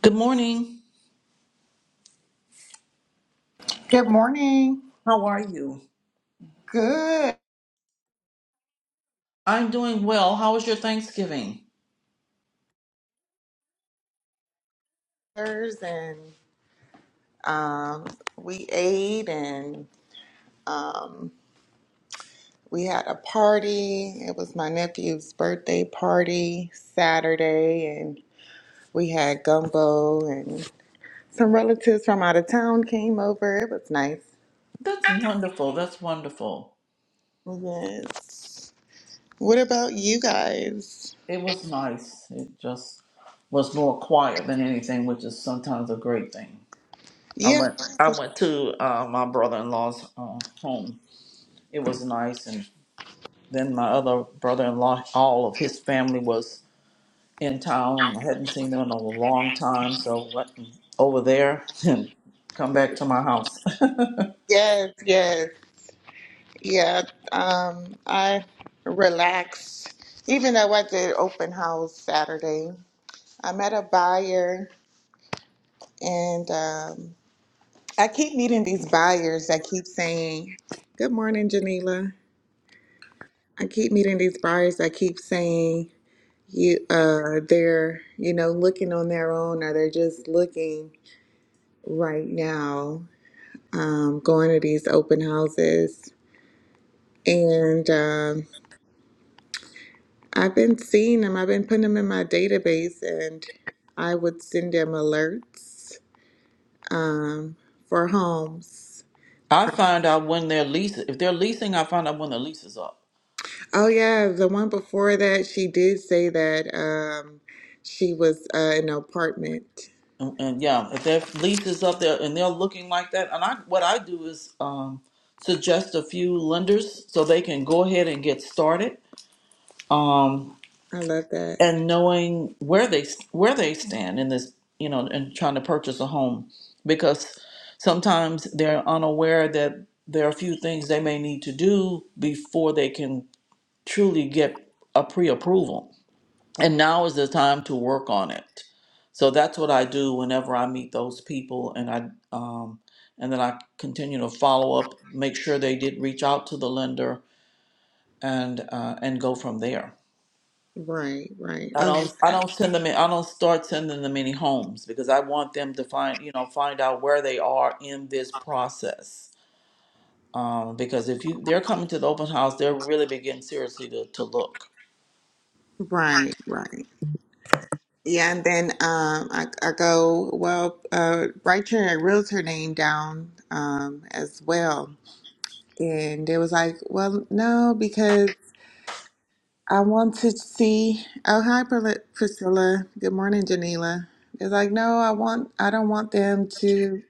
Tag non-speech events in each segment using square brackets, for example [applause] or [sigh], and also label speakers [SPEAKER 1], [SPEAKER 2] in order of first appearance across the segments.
[SPEAKER 1] Good morning.
[SPEAKER 2] Good morning.
[SPEAKER 1] How are you?
[SPEAKER 2] Good.
[SPEAKER 1] I'm doing well. How was your Thanksgiving?
[SPEAKER 2] And um, we ate and um, we had a party. It was my nephew's birthday party Saturday, and we had gumbo and some relatives from out of town came over. It was nice.
[SPEAKER 1] That's wonderful. That's wonderful.
[SPEAKER 2] Yes. What about you guys?
[SPEAKER 1] It was nice. It just was more quiet than anything, which is sometimes a great thing. I
[SPEAKER 2] Yeah.
[SPEAKER 1] went. I went to uh, my brother-in-law's uh, home. It was nice, and then my other brother-in-law, all of his family was in town. I hadn't seen them in a long time, so went over there [laughs] and come back to my house.
[SPEAKER 2] Yes. Yes. Yeah, um, I relaxed, even though I did open house Saturday. I met a buyer, and um, I keep meeting these buyers that keep saying, "Good morning, Janila." I keep meeting these buyers that keep saying, "You, uh, they're you know looking on their own, or they're just looking right now, um, going to these open houses." And um, I've been seeing them. I've been putting them in my database, and I would send them alerts um, for homes.
[SPEAKER 1] I find out when their lease, if they're leasing, I find out when the lease is up.
[SPEAKER 2] Oh yeah, the one before that, she did say that um, she was uh, in an apartment.
[SPEAKER 1] And, and yeah, if their lease is up there and they're looking like that, and I what I do is um, suggest a few lenders so they can go ahead and get started, um,
[SPEAKER 2] I love that.
[SPEAKER 1] and knowing where they where they stand in this, you know, and trying to purchase a home, because sometimes they're unaware that there are a few things they may need to do before they can truly get a pre-approval and now is the time to work on it so that's what i do whenever i meet those people and i um, and then i continue to follow up make sure they did reach out to the lender and uh, and go from there
[SPEAKER 2] Right, right. I
[SPEAKER 1] i
[SPEAKER 2] love
[SPEAKER 1] don't i
[SPEAKER 2] that.
[SPEAKER 1] don't send them in, i don't start sending them any homes because i want them to find you know find out where they are in this process um, because if you they're coming to the open house they're really beginning seriously to, to look
[SPEAKER 2] Right, right. Yeah, and then um, I, I go, well, uh, write your realtor name down um, as well. And it was like, well, no, because I want to see. Oh, hi, Priscilla. Priscilla. Good morning, Janila. It's like, no, I want. I don't want them to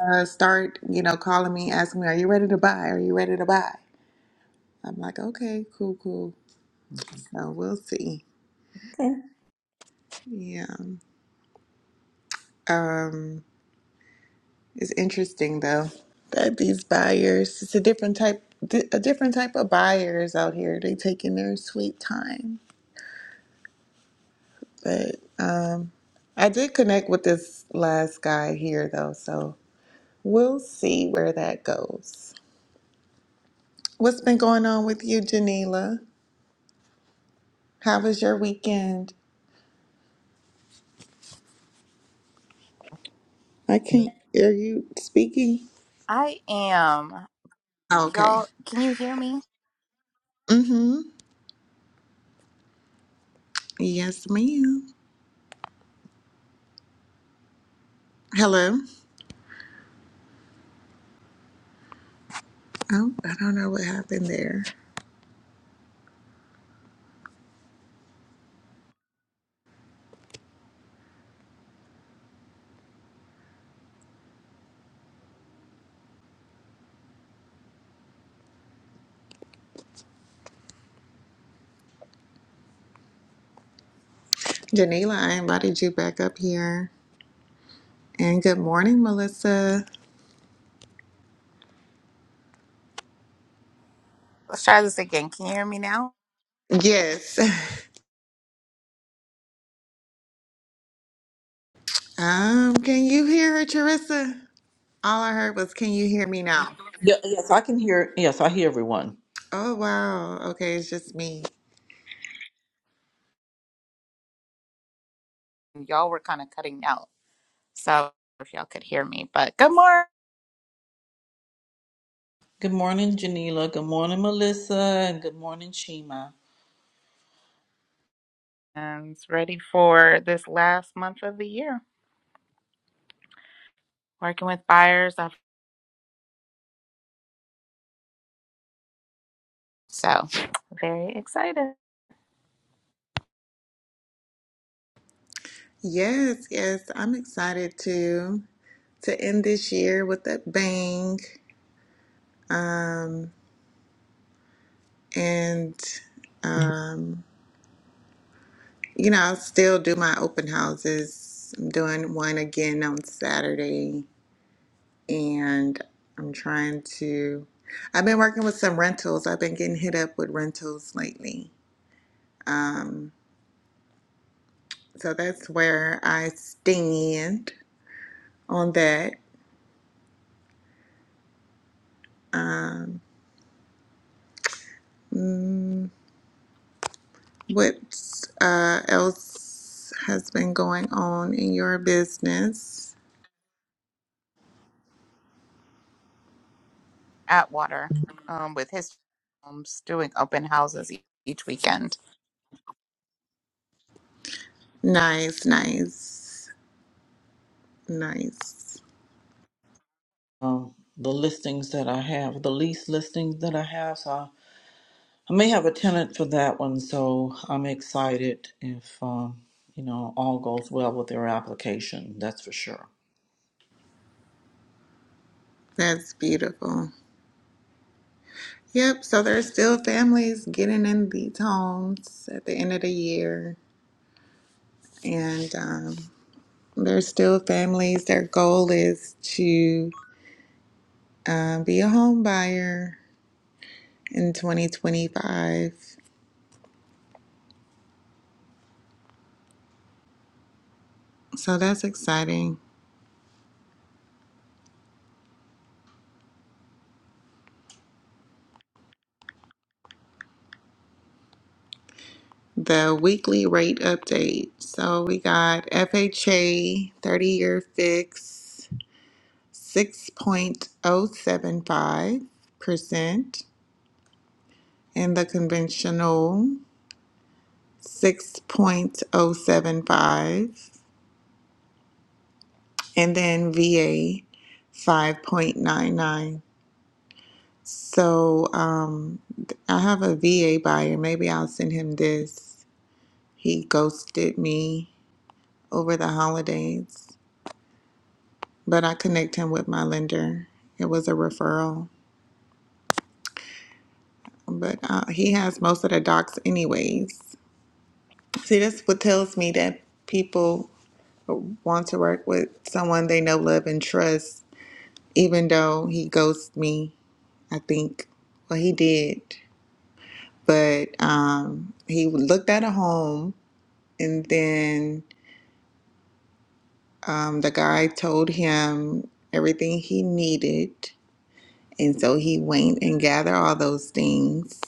[SPEAKER 2] uh, start, you know, calling me, asking me, "Are you ready to buy? Are you ready to buy?" I'm like, okay, cool, cool. So we'll see.
[SPEAKER 1] okay
[SPEAKER 2] Yeah. Um, it's interesting though that these buyers. It's a different type. di- A different type of buyers out here. They taking their sweet time, but um, I did connect with this last guy here though, so We'll see where that goes. What's been going on with you, Janila? How was your weekend? I can't. Are you speaking?
[SPEAKER 3] I am.
[SPEAKER 2] Okay.
[SPEAKER 3] Y'all, can you hear me?
[SPEAKER 2] Mm-hmm. Yes, ma'am. Hello. Oh, I don't know what happened there. Janila, I invited you back up here. And good morning, Melissa.
[SPEAKER 3] Let's try this again. Can you hear me now?
[SPEAKER 2] Yes. Um, can you hear her, Charissa? All I heard was, can you hear me now?
[SPEAKER 1] yeah, yes i can hear yes i hear everyone
[SPEAKER 2] Oh, wow. Okay, it's just me.
[SPEAKER 3] Y'all were kind of cutting out. So I don't know if y'all could hear me, but good morning.
[SPEAKER 1] Good morning, Janila. Good morning, Melissa. And good morning, Shima.
[SPEAKER 3] And it's ready for this last month of the year. Working with buyers. I've- So very excited.
[SPEAKER 2] Yes, yes, I'm excited too. to end this year with a bang. Um, and, um, you know, I'll still do my open houses. I'm doing one again on Saturday. And I'm trying to, I've been working with some rentals. I've been getting hit up with rentals lately. Um, so that's where I stand on that. What uh, else has been going on in your business?
[SPEAKER 3] Atwater um, with his homes doing open houses e- each weekend.
[SPEAKER 2] Nice, nice, nice.
[SPEAKER 1] Um, the listings that I have, the lease listings that I have, so I I may have a tenant for that one. So I'm excited if um, you know all goes well with their application. That's for sure.
[SPEAKER 2] That's beautiful. Yep, so there's still families getting in these homes at the end of the year. And um, there's still families, their goal is to uh, be a home buyer in 2025. So that's exciting. The weekly rate update. So we got FHA 30 year fix. 6.075%, and the conventional 6.075, and then VA 5.99. So um, I have a VA buyer. Maybe I'll send him this. He ghosted me over the holidays, but I connect him with my lender. It was a referral, but uh, he has most of the docs anyways. See, that's what tells me that people want to work with someone they know, love, and trust, even though he ghosted me, I think. Well, he did. But um, he looked at a home, and then um, the guy told him everything he needed. And so he went and gathered all those things.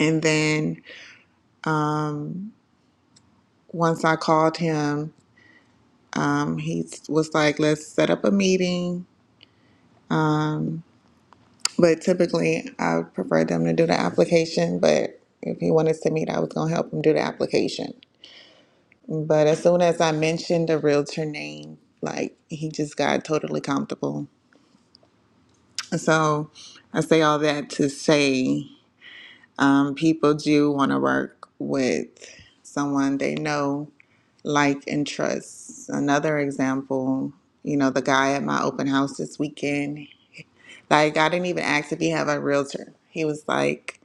[SPEAKER 2] And then um, once I called him, um, he was like, let's set up a meeting But typically, I would prefer them to do the application. But if he wanted to meet, I was gonna help him do the application. But as soon as I mentioned the realtor name, like he just got totally comfortable. So I say all that to say, um, people do want to work with someone they know, like, and trust. Another example, you know, the guy at my open house this weekend. Like, I didn't even ask if he have a realtor. He was like,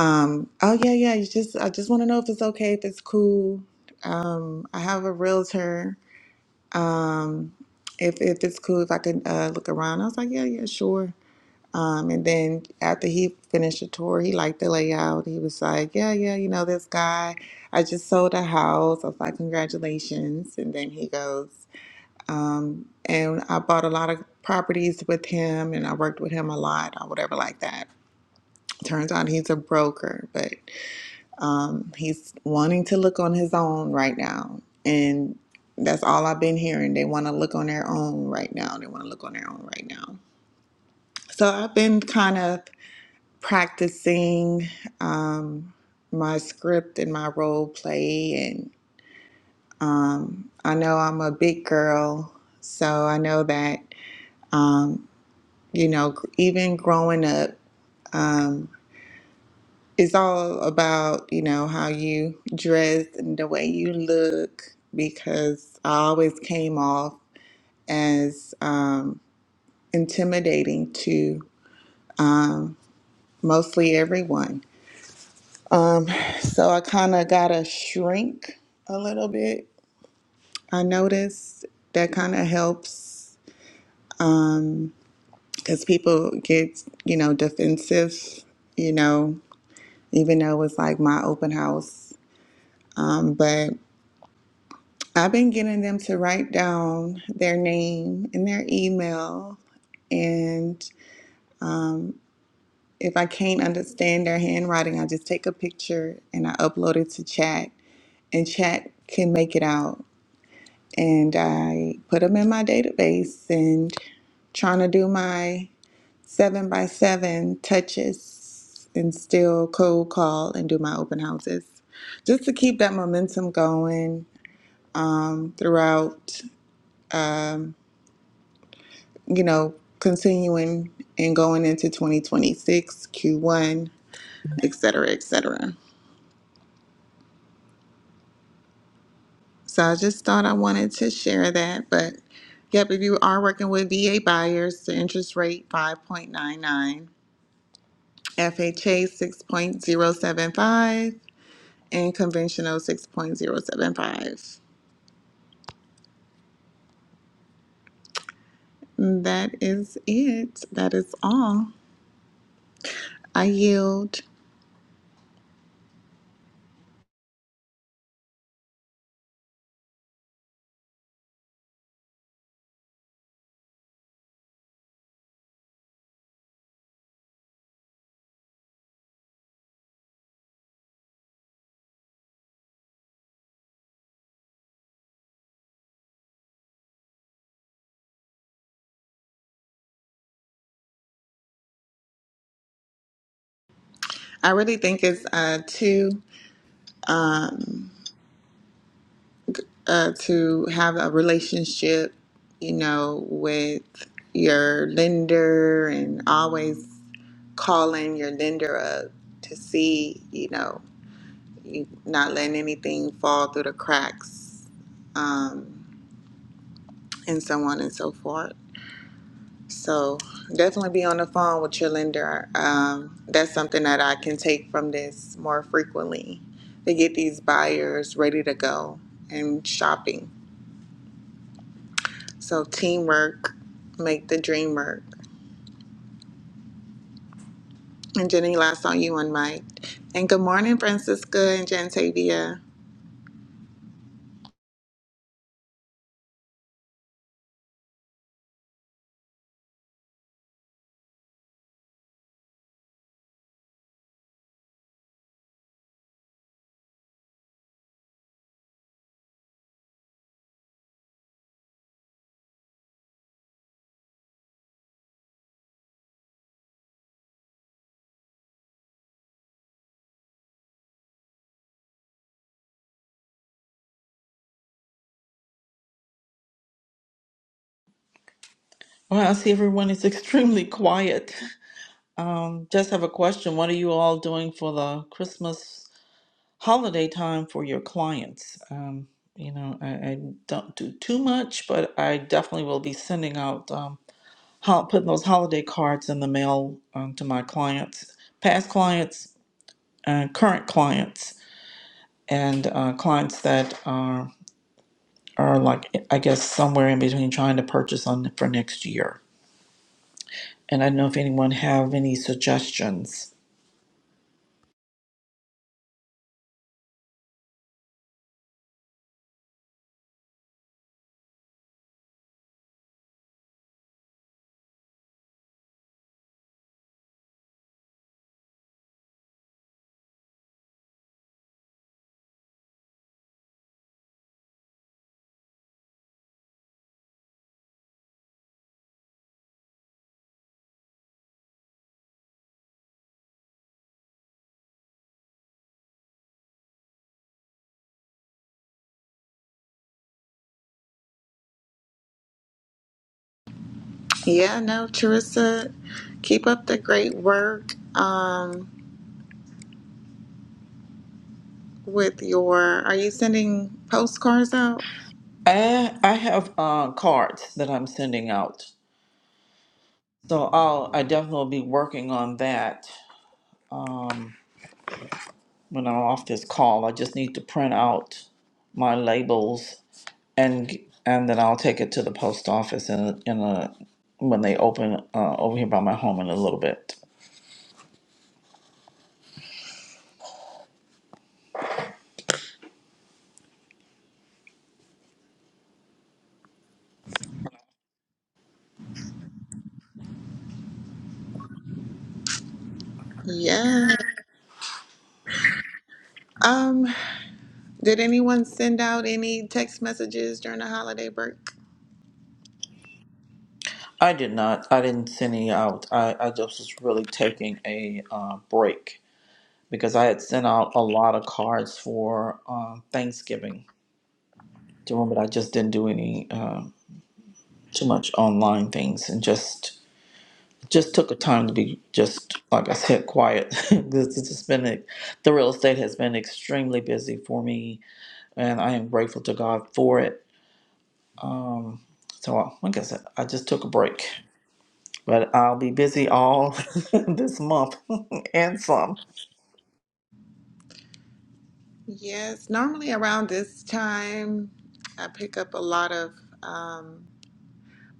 [SPEAKER 2] Um, oh yeah, yeah. You just I just want to know if it's okay, if it's cool. Um, I have a realtor. Um, if if it's cool, if I can uh, look around. I was like, yeah, yeah, sure. Um, and then after he finished the tour, he liked the layout. He was like, yeah, yeah, you know this guy. I just sold a house. I was like, congratulations. And then he goes, um, and I bought a lot of properties with him, and I worked with him a lot or whatever like that. Turns out he's a broker, but um, he's wanting to look on his own right now. And that's all I've been hearing. They want to look on their own right now. They want to look on their own right now. So I've been kind of practicing um, my script and my role play. And um, I know I'm a big girl. So I know that, um, you know, gr- even growing up, um, it's all about you know how you dress and the way you look because i always came off as um, intimidating to mostly everyone um, so i kind of gotta shrink a little bit i noticed that kind of helps because people get you know defensive you know even though it was like my open house um, but I've been getting them to write down their name and their email. And if I can't understand their handwriting, I just take a picture and I upload it to chat. And chat can make it out. And I put them in my database and trying to do my seven by seven touches and still cold call and do my open houses just to keep that momentum going um, throughout. um, you know, continuing and going into 2026, Q1, et cetera, et cetera. So I just thought I wanted to share that. But yep, if you are working with VA buyers, the interest rate 5.99, FHA 6.075, and conventional 6.075. That is it. That is all. I yield. I really think it's uh, two. um, uh, to have a relationship, you know, with your lender and always calling your lender up to see, you know, you not letting anything fall through the cracks um, and so on and so forth. So definitely be on the phone with your lender. Um, that's something that I can take from this more frequently to get these buyers ready to go and shopping. So teamwork, make the dream work. And Jenny, last on you on Mike. And good morning, Francisca and Jantavia.
[SPEAKER 1] Well, I see everyone is [laughs] extremely quiet. Um, just have a question. What are you all doing for the Christmas holiday time for your clients. Um, you know, I, I don't do too much, but I definitely will be sending out, um, hol- putting those holiday cards in the mail um, to my clients, past clients, uh, current clients, and uh, clients that are are like I guess somewhere in between trying to purchase on for next year. And I don't know if anyone have any suggestions.
[SPEAKER 2] Yeah, no, Charissa, keep up the great work. Um, with your, are you sending postcards out?
[SPEAKER 1] I I have uh, cards that I'm sending out, so I'll I definitely will be working on that when I'm off this call. I just need to print out my labels and and then I'll take it to the post office in in a when they open uh, over here by my home in a little bit.
[SPEAKER 2] Yeah. Um, did anyone send out any text messages during the holiday break?
[SPEAKER 1] I did not. I didn't send any out. I, I just was really taking a uh, break because I had sent out a lot of cards for uh, Thanksgiving to them, but I just didn't do any uh, too much online things and just just took a time to be just like I said, quiet. [laughs] this this has been a- the real estate has been extremely busy for me, and I am grateful to God for it. Um, so I- like I said, I just took a break, but I'll be busy all [laughs] this month [laughs] and some.
[SPEAKER 2] Yes, normally around this time, I pick up a lot of. um,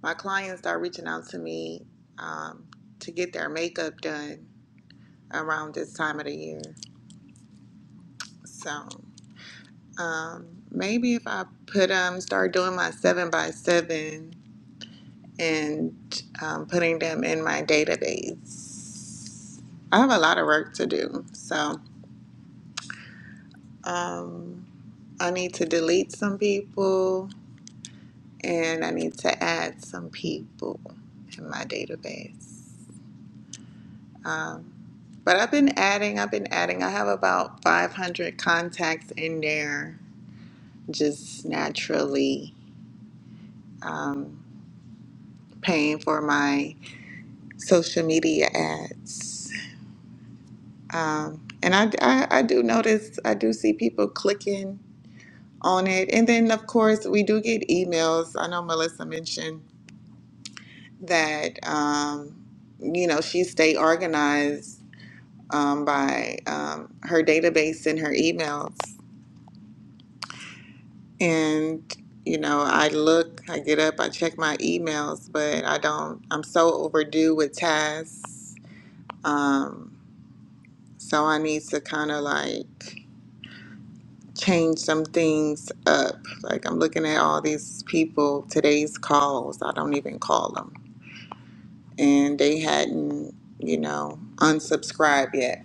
[SPEAKER 2] My clients start reaching out to me um, to get their makeup done around this time of the year. So um, maybe if I put um start doing my seven by seven and um, putting them in my database. I have a lot of work to do, so um, I need to delete some people and I need to add some people in my database. Um, But I've been adding, I've been adding. I have about 500 contacts in there just naturally um, paying for my social media ads. Um, and I, I, I do notice, I do see people clicking on it. And then, of course, we do get emails. I know Melissa mentioned that, um, you know, she stay organized um, by um, her database and her emails. and you know i look i get up i check my emails but i don't i'm so overdue with tasks um, so i need to kind of like change some things up like i'm looking at all these people today's calls i don't even call them and they hadn't you know unsubscribed yet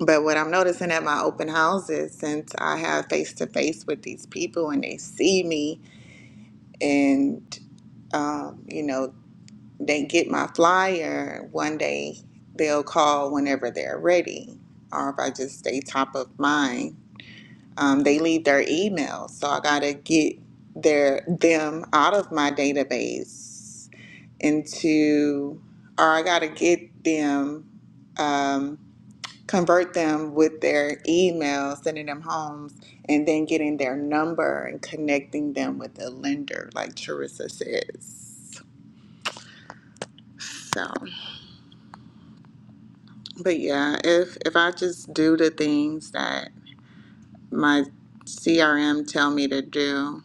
[SPEAKER 2] but what i'm noticing at my open houses since i have face to face with these people and they see me and um, you know they get my flyer one day they'll call whenever they're ready or if i just stay top of mind um, they leave their email so i gotta get their them out of my database into or i gotta get them um, convert them with their email sending them homes and then getting their number and connecting them with a lender like Charissa says so But yeah, if if I just do the things that my CRM tell me to do,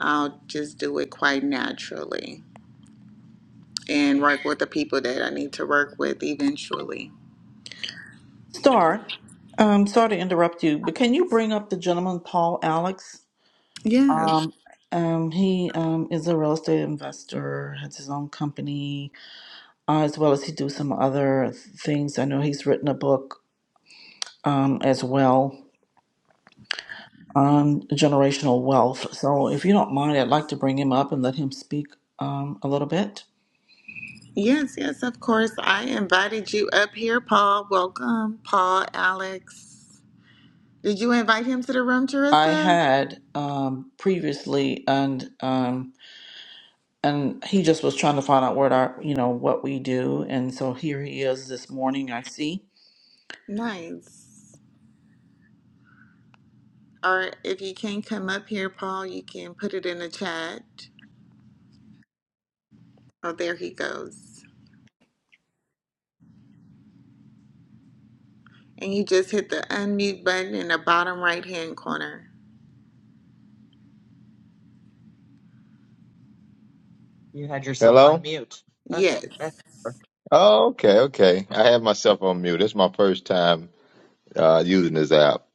[SPEAKER 2] I'll just do it quite naturally and work with the people that I need to work with eventually.
[SPEAKER 1] Star, um, sorry to interrupt you, but can you bring up the gentleman Paul Alex?
[SPEAKER 2] Yes.
[SPEAKER 1] Um, um, he um, is a real estate investor, has his own company uh, as well as he do some other things. I know he's written a book um, as well on generational wealth. So if you don't mind, I'd like to bring him up and let him speak um, a little bit.
[SPEAKER 2] Yes, yes, of course. I invited you up here, Paul. Welcome, Paul, Alex. Did you invite him to the room,
[SPEAKER 1] I
[SPEAKER 2] Teresa?
[SPEAKER 1] had um, previously, and um, and he just was trying to find out what our, you know, what we do, and so here he is this morning. I see.
[SPEAKER 2] Nice. Or if you can't come up here, Paul, you can put it in the chat. Oh, there he goes. And you just hit the unmute button in the bottom right hand corner.
[SPEAKER 4] Hello?
[SPEAKER 2] Yes.
[SPEAKER 4] Oh, okay, okay. I have myself on mute. It's my first time uh, using this app.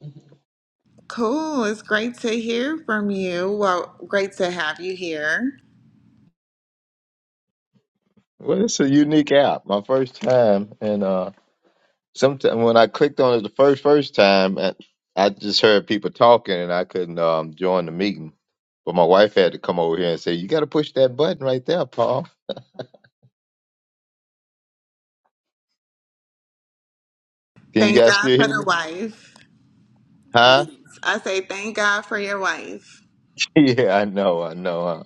[SPEAKER 2] Cool. It's great to hear from you. Well, great to have you here.
[SPEAKER 4] Well, it's a unique app. My first time, and uh, sometime when I clicked on it the first first time, and I just heard people talking, and I couldn't um, join the meeting. But my wife had to come over here and say, "You got to push that button right there, Paul." Can you
[SPEAKER 2] Thank
[SPEAKER 4] guys
[SPEAKER 2] God
[SPEAKER 4] still
[SPEAKER 2] for
[SPEAKER 4] hear
[SPEAKER 2] the
[SPEAKER 4] me?
[SPEAKER 2] wife. Yes.
[SPEAKER 4] Huh?
[SPEAKER 2] I say thank God for your wife.
[SPEAKER 4] [laughs] yeah, I know, I know. Huh?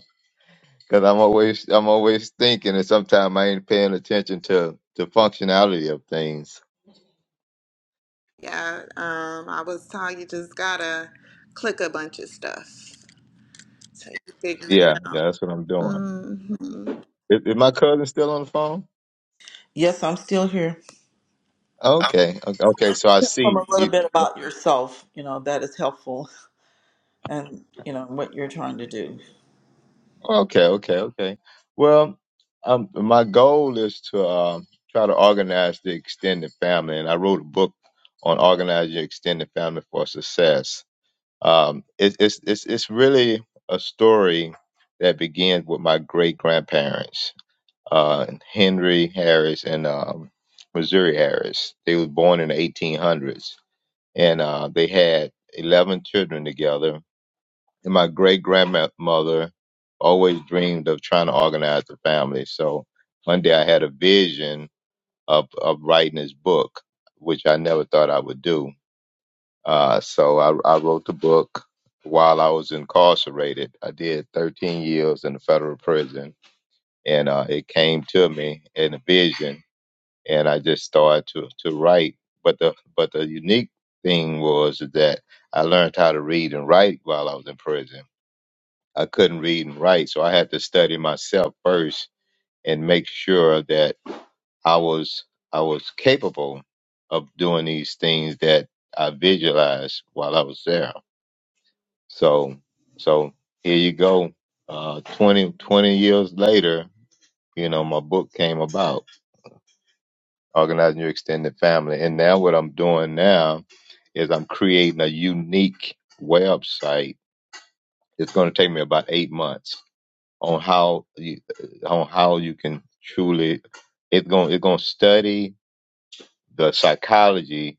[SPEAKER 4] Because I'm always I'm always thinking, and sometimes I ain't paying attention to the functionality of things.
[SPEAKER 2] Yeah. Um, I was told you just gotta click a bunch of stuff so you figure it
[SPEAKER 4] Yeah,
[SPEAKER 2] out.
[SPEAKER 4] yeah, that's what I'm doing.
[SPEAKER 2] hmm
[SPEAKER 4] Is, is my cousin still on the phone?
[SPEAKER 1] Yes, I'm still here.
[SPEAKER 4] Okay, okay,
[SPEAKER 1] So why
[SPEAKER 4] okay.
[SPEAKER 1] don't
[SPEAKER 4] So I
[SPEAKER 1] you tell them
[SPEAKER 4] see
[SPEAKER 1] a little
[SPEAKER 4] you.
[SPEAKER 1] bit about yourself? You know, that is helpful, and you know what you're trying to do.
[SPEAKER 4] Okay, okay, okay. Well, um, my goal is to um try to organize the extended family, and I wrote a book on organizing your extended family for success. Um, it, it's it's it's really a story that begins with my great grandparents, uh, Henry Harris and um, Missouri Harris. They were born in the 1800s and uh, they had 11 children together. And my great grandmother always dreamed of trying to organize the family. So one day I had a vision of, of writing this book, which I never thought I would do. Uh, so I, I wrote the book while I was incarcerated. I did 13 years in the federal prison, and uh, it came to me in a vision and I just started to to write. But the but the unique thing was that I learned how to read and write while I was in prison. I couldn't read and write, so I had to study myself first and make sure that I was I was capable of doing these things that I visualized while I was there. So so here you go. Uh, 20, twenty years later, you know, my book came about. organizing your extended family. And now what I'm doing now is I'm creating a unique website. It's going to take me about eight months on how you, on how you can truly. It's going it's going to study the psychology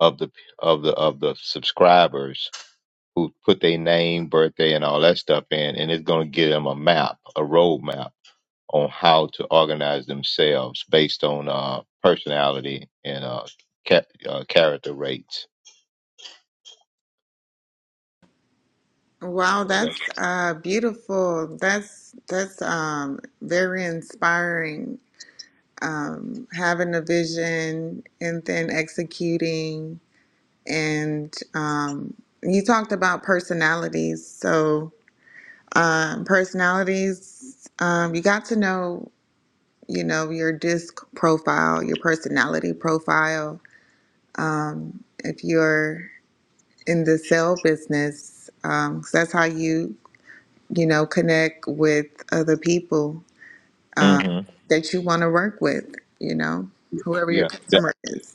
[SPEAKER 4] of the of the of the subscribers who put their name, birthday, and all that stuff in, and it's going to give them a map, a roadmap on how to organize themselves based on uh, personality and uh, ca- uh, character rates.
[SPEAKER 2] Wow,
[SPEAKER 4] So
[SPEAKER 2] that's
[SPEAKER 4] that's
[SPEAKER 2] uh beautiful. That's that's um very inspiring um, having a vision and then executing. And um, you talked about personalities. So, um, personalities, um, you got to know, you know, your disc profile, your personality profile. If you're in the sale business, um, 'cause that's how you, you know, connect with other people
[SPEAKER 4] hmm
[SPEAKER 2] that you want to work with, you know,
[SPEAKER 4] yeah,
[SPEAKER 2] whoever your
[SPEAKER 4] yeah. the,
[SPEAKER 2] customer is.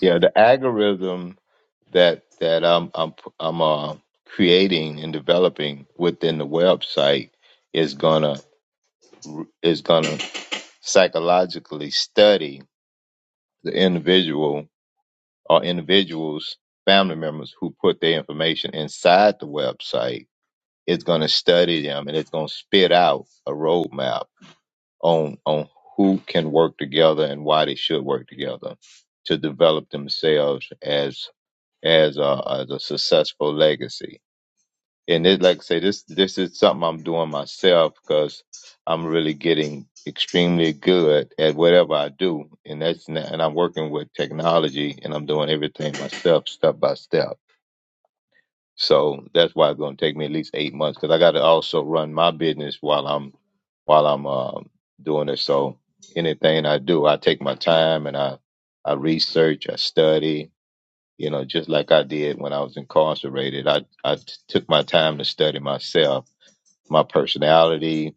[SPEAKER 4] yeah. The algorithm that that I'm I'm I'm uh, creating and developing within the website is gonna is gonna psychologically study the individual or individuals family members who put their information inside the website it's going to study them and it's going to spit out a roadmap on on who can work together and why they should work together to develop themselves as as a, as a successful legacy. And it, like I say, this this is something I'm doing myself because I'm really getting extremely good at whatever I do, and that's n- and I'm working with technology and I'm doing everything myself, step by step so that's why it's going to take me at least eight months because I got to also run my business while I'm while I'm um doing it. So anything I do, I take my time and I I research, I study. You know, just like I did when I was incarcerated, I I t- took my time to study myself, my personality,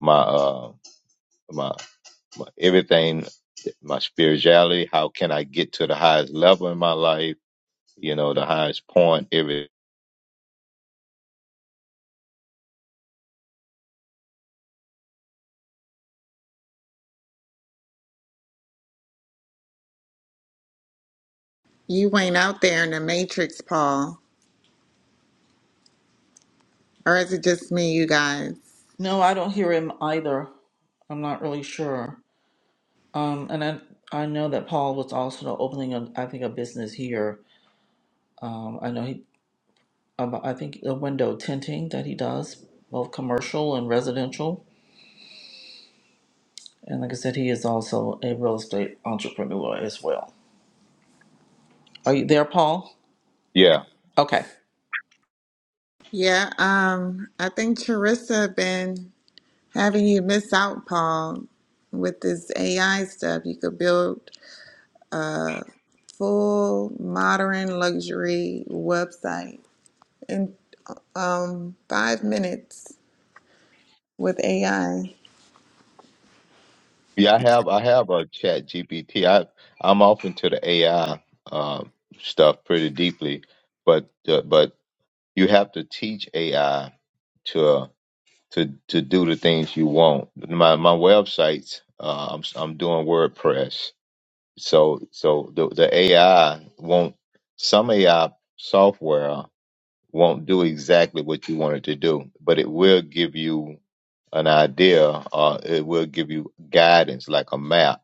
[SPEAKER 4] my uh my, my everything, my spirituality. How can I get to the highest level in my life? You know, the highest point. Every
[SPEAKER 2] You ain't out there in the matrix, Paul. Or is it just me, you guys?
[SPEAKER 1] No, I don't hear him either. I'm not really sure. Um, and I I know that Paul was also opening a I think a business here. Um, I know he um, I think a window tinting that he does both commercial and residential. And like I said, he is also a real estate entrepreneur as well. Are you there, Paul?
[SPEAKER 4] yeah.
[SPEAKER 1] Okay.
[SPEAKER 2] Yeah, um, I think Charissa been having you miss out, Paul, with this AI stuff. You could build full modern luxury website in um five minutes with AI.
[SPEAKER 4] Yeah, I have I have a chat GPT. I I'm off into the AI uh, stuff pretty deeply, but uh, but you have to teach AI to to to do the things you want. My my websites, uh, I'm I'm doing WordPress, so so the the AI won't some AI software won't do exactly what you want it to do, but it will give you an idea, uh, it will give you guidance like a map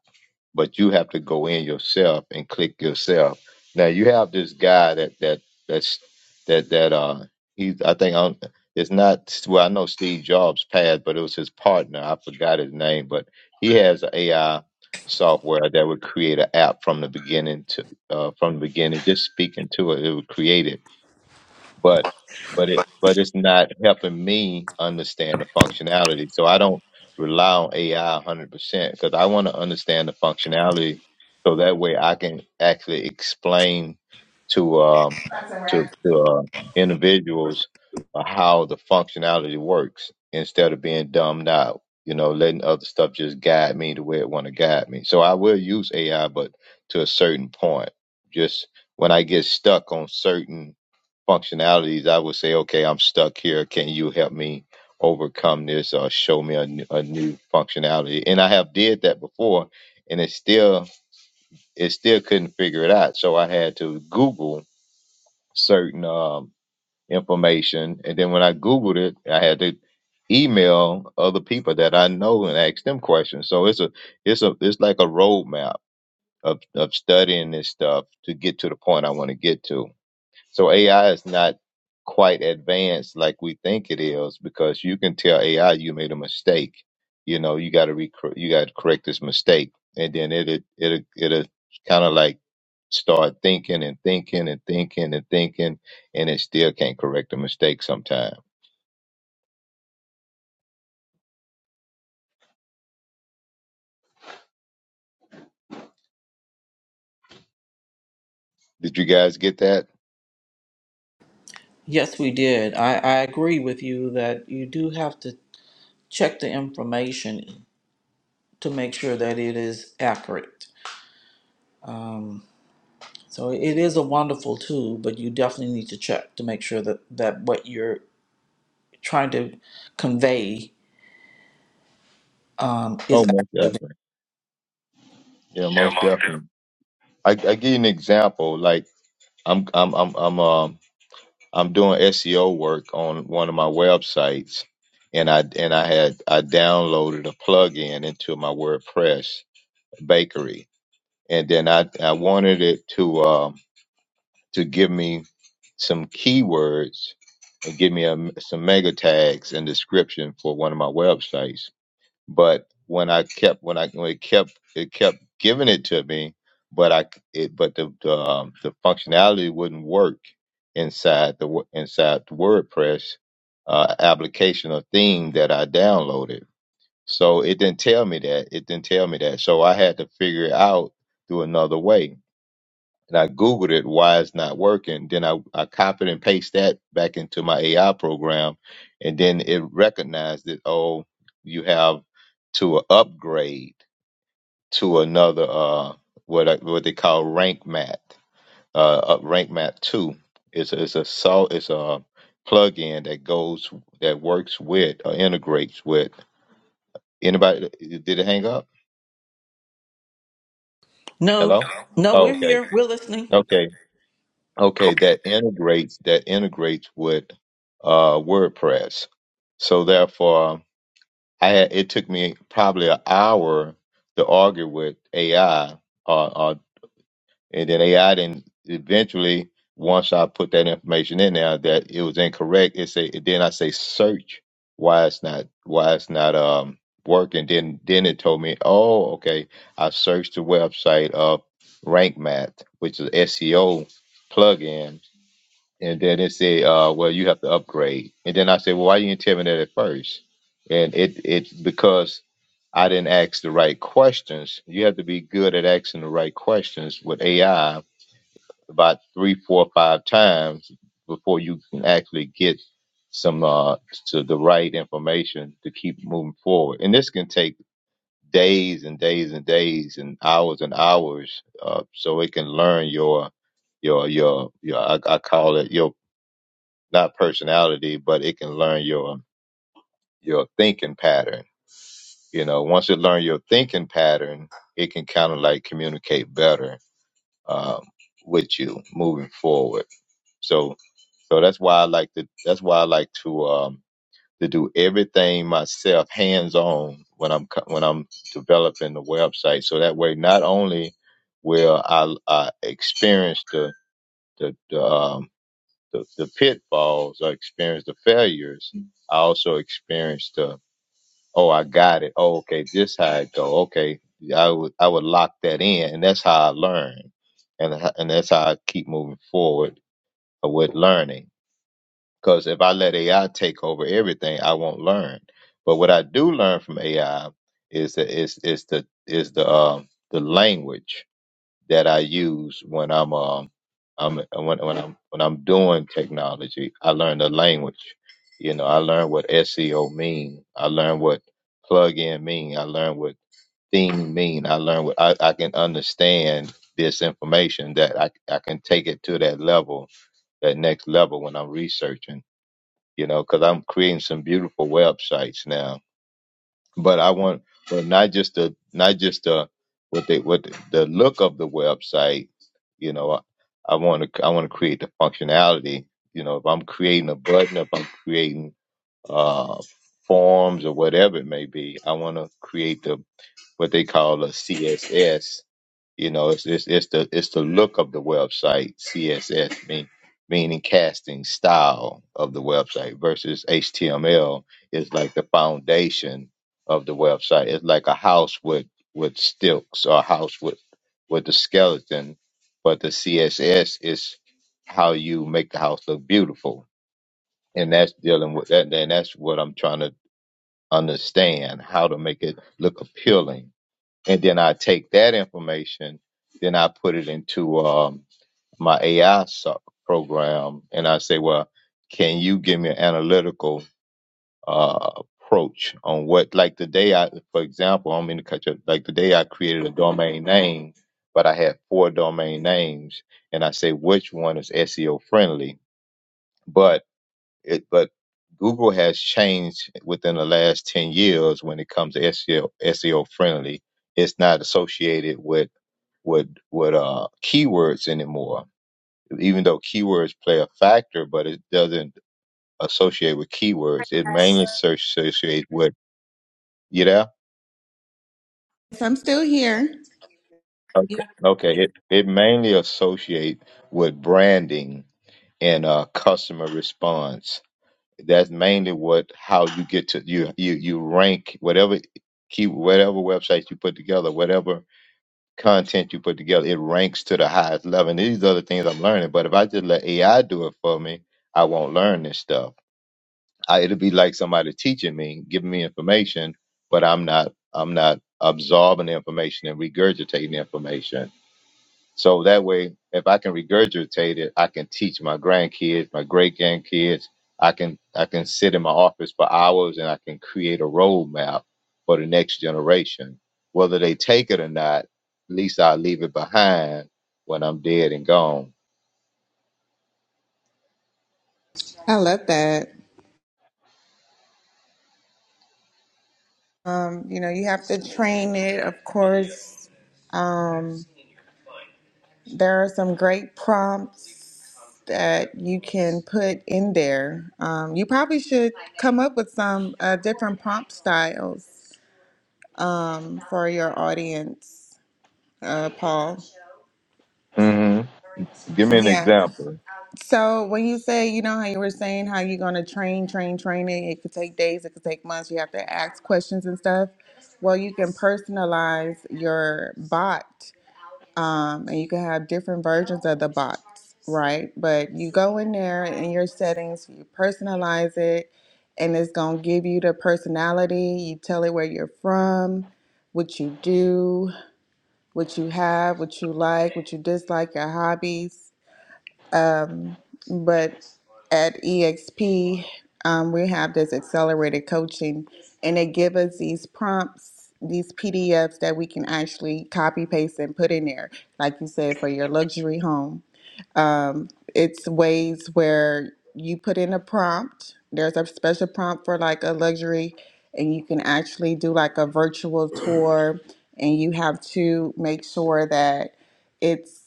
[SPEAKER 4] but you have to go in yourself and click yourself. Now you have this guy that that that's that that uh he's I think I'm, it's not well I know Steve Jobs passed, but it was his partner. I forgot his name, but he has an AI software that would create an app from the beginning to uh, from the beginning, just speaking to it, it would create it but but it but it's not helping me understand the functionality. So I don't rely on AI hundred percent because I want to understand the functionality so that way I can actually explain to um
[SPEAKER 2] That's a
[SPEAKER 4] to
[SPEAKER 2] wrap.
[SPEAKER 4] to uh, individuals uh, how the functionality works instead of being dumbed out. You know, letting other stuff just guide me the way it want to guide me. So I will use AI, but to a certain point. Just when I get stuck on certain functionalities, I would say, okay, I'm stuck here. Can you help me overcome this or show me a, new- new functionality? And I have did that before, and it still it still couldn't figure it out. So I had to Google certain um, information, and then when I Googled it, I had to email other people that I know and ask them questions. So it's a it's a it's like a roadmap of of studying this stuff to get to the point I want to get to so AI is not quite advanced like we think it is because you can tell AI you made a mistake. You know, you got to rec- you got to correct this mistake, and then it it it'll, it'll kind of like start thinking and thinking and thinking and thinking, and it still can't correct a mistake. Sometimes, Did you guys get that?
[SPEAKER 1] Yes, we did. I, I agree with you that you do have to check the information to make sure that it is accurate. Um, So it is a wonderful tool, but you definitely need to check to make sure that, that what you're trying to convey um, is
[SPEAKER 4] Oh, most
[SPEAKER 1] actually.
[SPEAKER 4] definitely. Yeah,
[SPEAKER 1] Yeah,
[SPEAKER 4] most
[SPEAKER 1] Mom. yeah.
[SPEAKER 4] definitely. I I give you an example. Like I'm I'm I'm I'm um. I'm doing SEO work on one of my websites, and I and I had I downloaded a plugin into my WordPress bakery, and then I I wanted it to um, to give me some keywords and give me a, some mega tags and description for one of my websites but when I kept when I when it kept it kept giving it to me, but I it but the the, um, the functionality wouldn't work inside the wo- inside the WordPress uh, application or theme that I downloaded. So it didn't tell me that it didn't tell me that. So I had to figure it out through another way and I Googled it why it's not working. Then I, I copied and pasted that back into my AI program, and then it recognized that oh, you have to upgrade to another uh what I, what they call rank math uh up- rank math two. is a, it's a sol it's a plugin that goes that works with or integrates with anybody. Did it hang up?
[SPEAKER 1] No,
[SPEAKER 4] Hello.
[SPEAKER 1] Hello? no,
[SPEAKER 4] Oh,
[SPEAKER 1] we're
[SPEAKER 4] okay
[SPEAKER 1] here. We're listening.
[SPEAKER 4] okay.
[SPEAKER 1] Okay.
[SPEAKER 4] Okay,
[SPEAKER 1] Okay,
[SPEAKER 4] that
[SPEAKER 1] then.
[SPEAKER 4] integrates that integrates with uh, WordPress. So therefore, I had, it took me probably an hour to argue with AI, uh, uh, and then AI then eventually once I put that information in there that it was incorrect, it say then I say search why it's not why it's not um working. Then then it told me, oh okay, I searched the website of Rank Math, which is SEO plugin and then it said, uh, well, you have to upgrade. And then I said, well, why you didn't tell me that at first? And it it's because I didn't ask the right questions. You have to be good at asking the right questions with AI about three, four, five times before you can actually get some uh to the right information to keep moving forward. And this can take days and days and days and hours and hours uh so it can learn your your your your I, I call it your not personality, but it can learn your your thinking pattern. You know, once it learns your thinking pattern, it can kind of like communicate better um, with you moving forward. So, so that's why I like to that's why I like to um, to do everything myself, hands on when I'm co- when I'm developing the website. So that way, not only will I, I experience the the, the um, the, the pitfalls. I experienced the failures. I also experienced the oh, I got it. Oh, okay, this how it go. Okay, I would I would lock that in, and that's how I learn, and h- and that's how I keep moving forward with learning. Because if I let AI take over everything, I won't learn. But what I do learn from AI is the is is the is the um, the language that I use when I'm um I'm when when I'm when I'm doing technology. I learn the language. You know, I learn what SEO mean. I learn what plug-in mean. I learn what theme mean. I learn what I, I can understand this information that I I can take it to that level, that next level when I'm researching. You know, because I'm creating some beautiful websites now but I want, but not just the, not just the, what they, what the, the look of the website. You know, I, I want to, I want to create the functionality. You know, if I'm creating a button, if I'm creating uh, forms or whatever it may be, I want to create the what they call a CSS you know, it's it's, it's the it's the look of the website, CSS mean, meaning casting style of the website versus HTML is like the foundation of the website. It's like a house with with stilts or a house with with the skeleton, but the CSS is how you make the house look beautiful, and that's dealing with that. And that's what I'm trying to understand how to make it look appealing and then I take that information, then I put it into um, my AI so- program, and I say, well, can you give me an analytical uh, approach on what, like the day I, for example, I'm in the country, like the day I created a domain name, but I had four domain names, and I say which one is SEO friendly, but it, but Google has changed within the last ten years when it comes to SEO SEO friendly. It's not associated with with with uh keywords anymore. Even though keywords play a factor, but it doesn't associate with keywords. It mainly search associate with you know.
[SPEAKER 2] Yes, I'm still here.
[SPEAKER 4] Okay.
[SPEAKER 1] Yeah.
[SPEAKER 4] Okay. It it mainly associate with branding and uh customer response. That's mainly what how you get to you you you rank whatever key whatever websites you put together, whatever content you put together, it ranks to the highest level. And these are the things I'm learning. But if I just let AI do it for me, I won't learn this stuff. I, it'll be like somebody teaching me, giving me information, but I'm not I'm not absorbing the information and regurgitating the information. So that way, if I can regurgitate it, I can teach my grandkids, my great grandkids. I can I can sit in my office for hours and I can create a roadmap for the next generation. Whether they take it or not, at least i leave it behind when I'm dead and gone.
[SPEAKER 2] I love that. Um, you know, you have to train it, of course. Um, There are some great prompts that you can put in there. Um, you probably should come up with some uh, different prompt styles um, for your audience, uh, Paul.
[SPEAKER 4] hmm Give me an
[SPEAKER 2] Yeah.
[SPEAKER 4] example.
[SPEAKER 2] So when you say, you know, how you were saying how you're going to train, train, train it, it could take days, it could take months, you have to ask questions and stuff. Well, you can personalize your bot um, and you can have different versions of the box, right? But you go in there in your settings, you personalize it, and it's gonna give you the personality. You tell it where you're from, what you do, what you have, what you like, what you dislike, your hobbies. Um, but at EXP, um, we have this accelerated coaching, and they give us these prompts, these PDFs that we can actually copy paste and put in there, like you said, for your luxury home. Um, it's ways where you put in a prompt. There's a special prompt for like a luxury, and you can actually do like a virtual tour, and you have to make sure that it's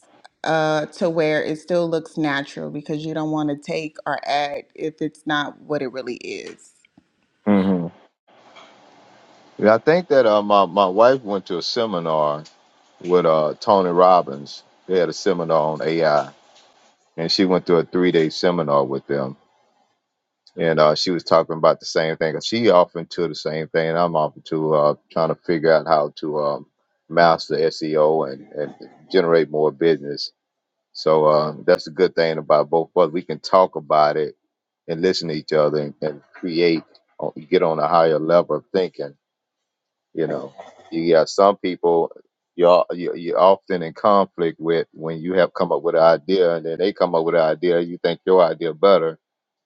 [SPEAKER 2] uh to where it still looks natural because you don't want to take or add if it's not what it really is.
[SPEAKER 4] hmm Yeah, I think that uh, my my wife went to a seminar with uh, Tony Robbins. They had a seminar on AI, and she went to a three day seminar with them and uh, she was talking about the same thing. She often to the same thing, and I'm often to uh, trying to figure out how to um, master SEO and, and generate more business. So uh, that's a good thing about both of us. We can talk about it and listen to each other and, and create, uh, get on a higher level of thinking you know, you got some people you're you- you're often in conflict with when you have come up with an idea, and then they come up with an idea. You think your idea better,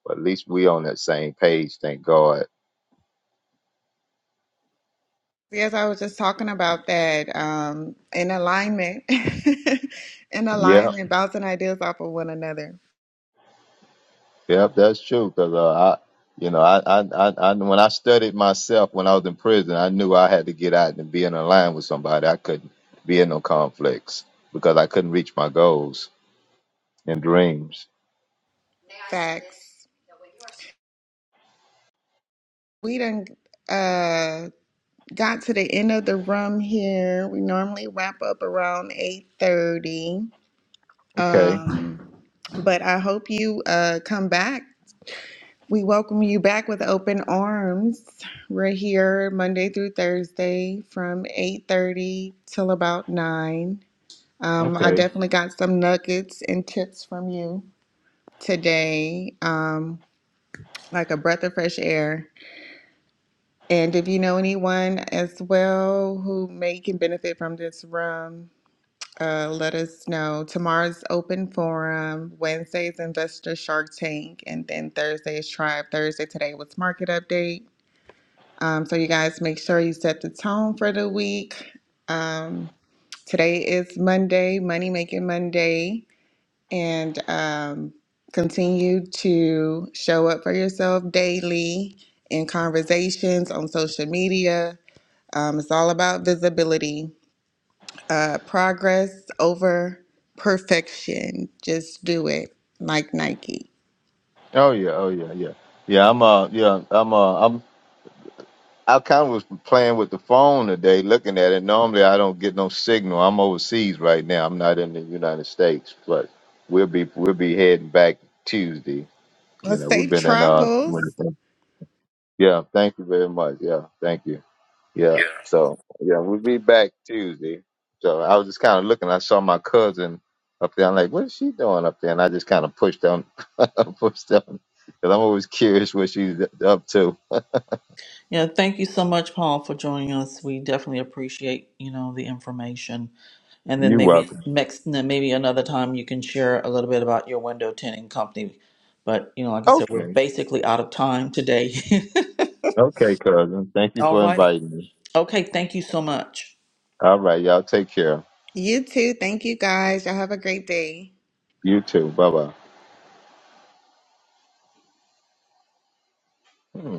[SPEAKER 4] but at least we on that same page. Thank God.
[SPEAKER 2] Yes, I was just talking about that um, in alignment, [laughs] in
[SPEAKER 4] Yeah,
[SPEAKER 2] alignment, bouncing ideas off of one another.
[SPEAKER 4] yep, that's true. Cause uh, I, you know, I, I, I, I, when I studied myself when I was in prison, I knew I had to get out and be in a line with somebody. I couldn't be in no conflicts because I couldn't reach my goals and dreams.
[SPEAKER 2] Facts. We done uh got to the end of the room here. We normally wrap up around 8:30.
[SPEAKER 4] Okay,
[SPEAKER 2] Um but I hope you uh come back. We welcome you back with open arms. We're here Monday through Thursday from 8:30 till about 9. Um I
[SPEAKER 4] okay.
[SPEAKER 2] definitely got some nuggets and tips from you today. Um like a breath of fresh air. And if you know anyone as well who may can benefit from this room, uh, let us know. Tomorrow's open forum, Wednesday's investor Shark Tank, and then Thursday's Tribe. Thursday today was market update. Um, so you guys make sure you set the tone for the week. Um, today is Monday, Money Making Monday, and um, continue to show up for yourself daily in conversations on social media um, it's all about visibility, uh, progress over perfection. Just do it like Nike.
[SPEAKER 4] Oh yeah, oh yeah, yeah, yeah. I'm uh, yeah, I'm uh, I'm I kind of was playing with the phone today, looking at it. Normally, I don't get no signal. I'm overseas right now. I'm not in the United States, but we'll be we'll be heading back Tuesday.
[SPEAKER 2] Well,
[SPEAKER 4] You know, we've
[SPEAKER 2] safe
[SPEAKER 4] been in uh,
[SPEAKER 2] travels.
[SPEAKER 4] yeah. Thank you very much. Yeah, thank you. Yeah.
[SPEAKER 1] Yeah.
[SPEAKER 4] So yeah, we'll be back Tuesday. So I was just kind of looking. I saw my cousin up there. I'm like, what is she doing up there? And I just kind of pushed on, [laughs] pushed on, because I'm always curious what she's up to.
[SPEAKER 1] Yeah, thank you so much, Paul, for joining us. We definitely appreciate, you know, the information. And then
[SPEAKER 4] You're
[SPEAKER 1] maybe
[SPEAKER 4] welcome.
[SPEAKER 1] next, then maybe another time you can share a little bit about your window tinting company. But you know, like I said, we're
[SPEAKER 4] Okay.
[SPEAKER 1] basically out of time today.
[SPEAKER 4] Okay, cousin. Thank
[SPEAKER 1] [laughs]
[SPEAKER 4] you for
[SPEAKER 1] Alrighty.
[SPEAKER 4] inviting me.
[SPEAKER 1] Okay, thank you so much.
[SPEAKER 4] All right, y'all. Take care.
[SPEAKER 2] You too. Thank you guys. Y'all have a great day.
[SPEAKER 4] You too. Bye bye.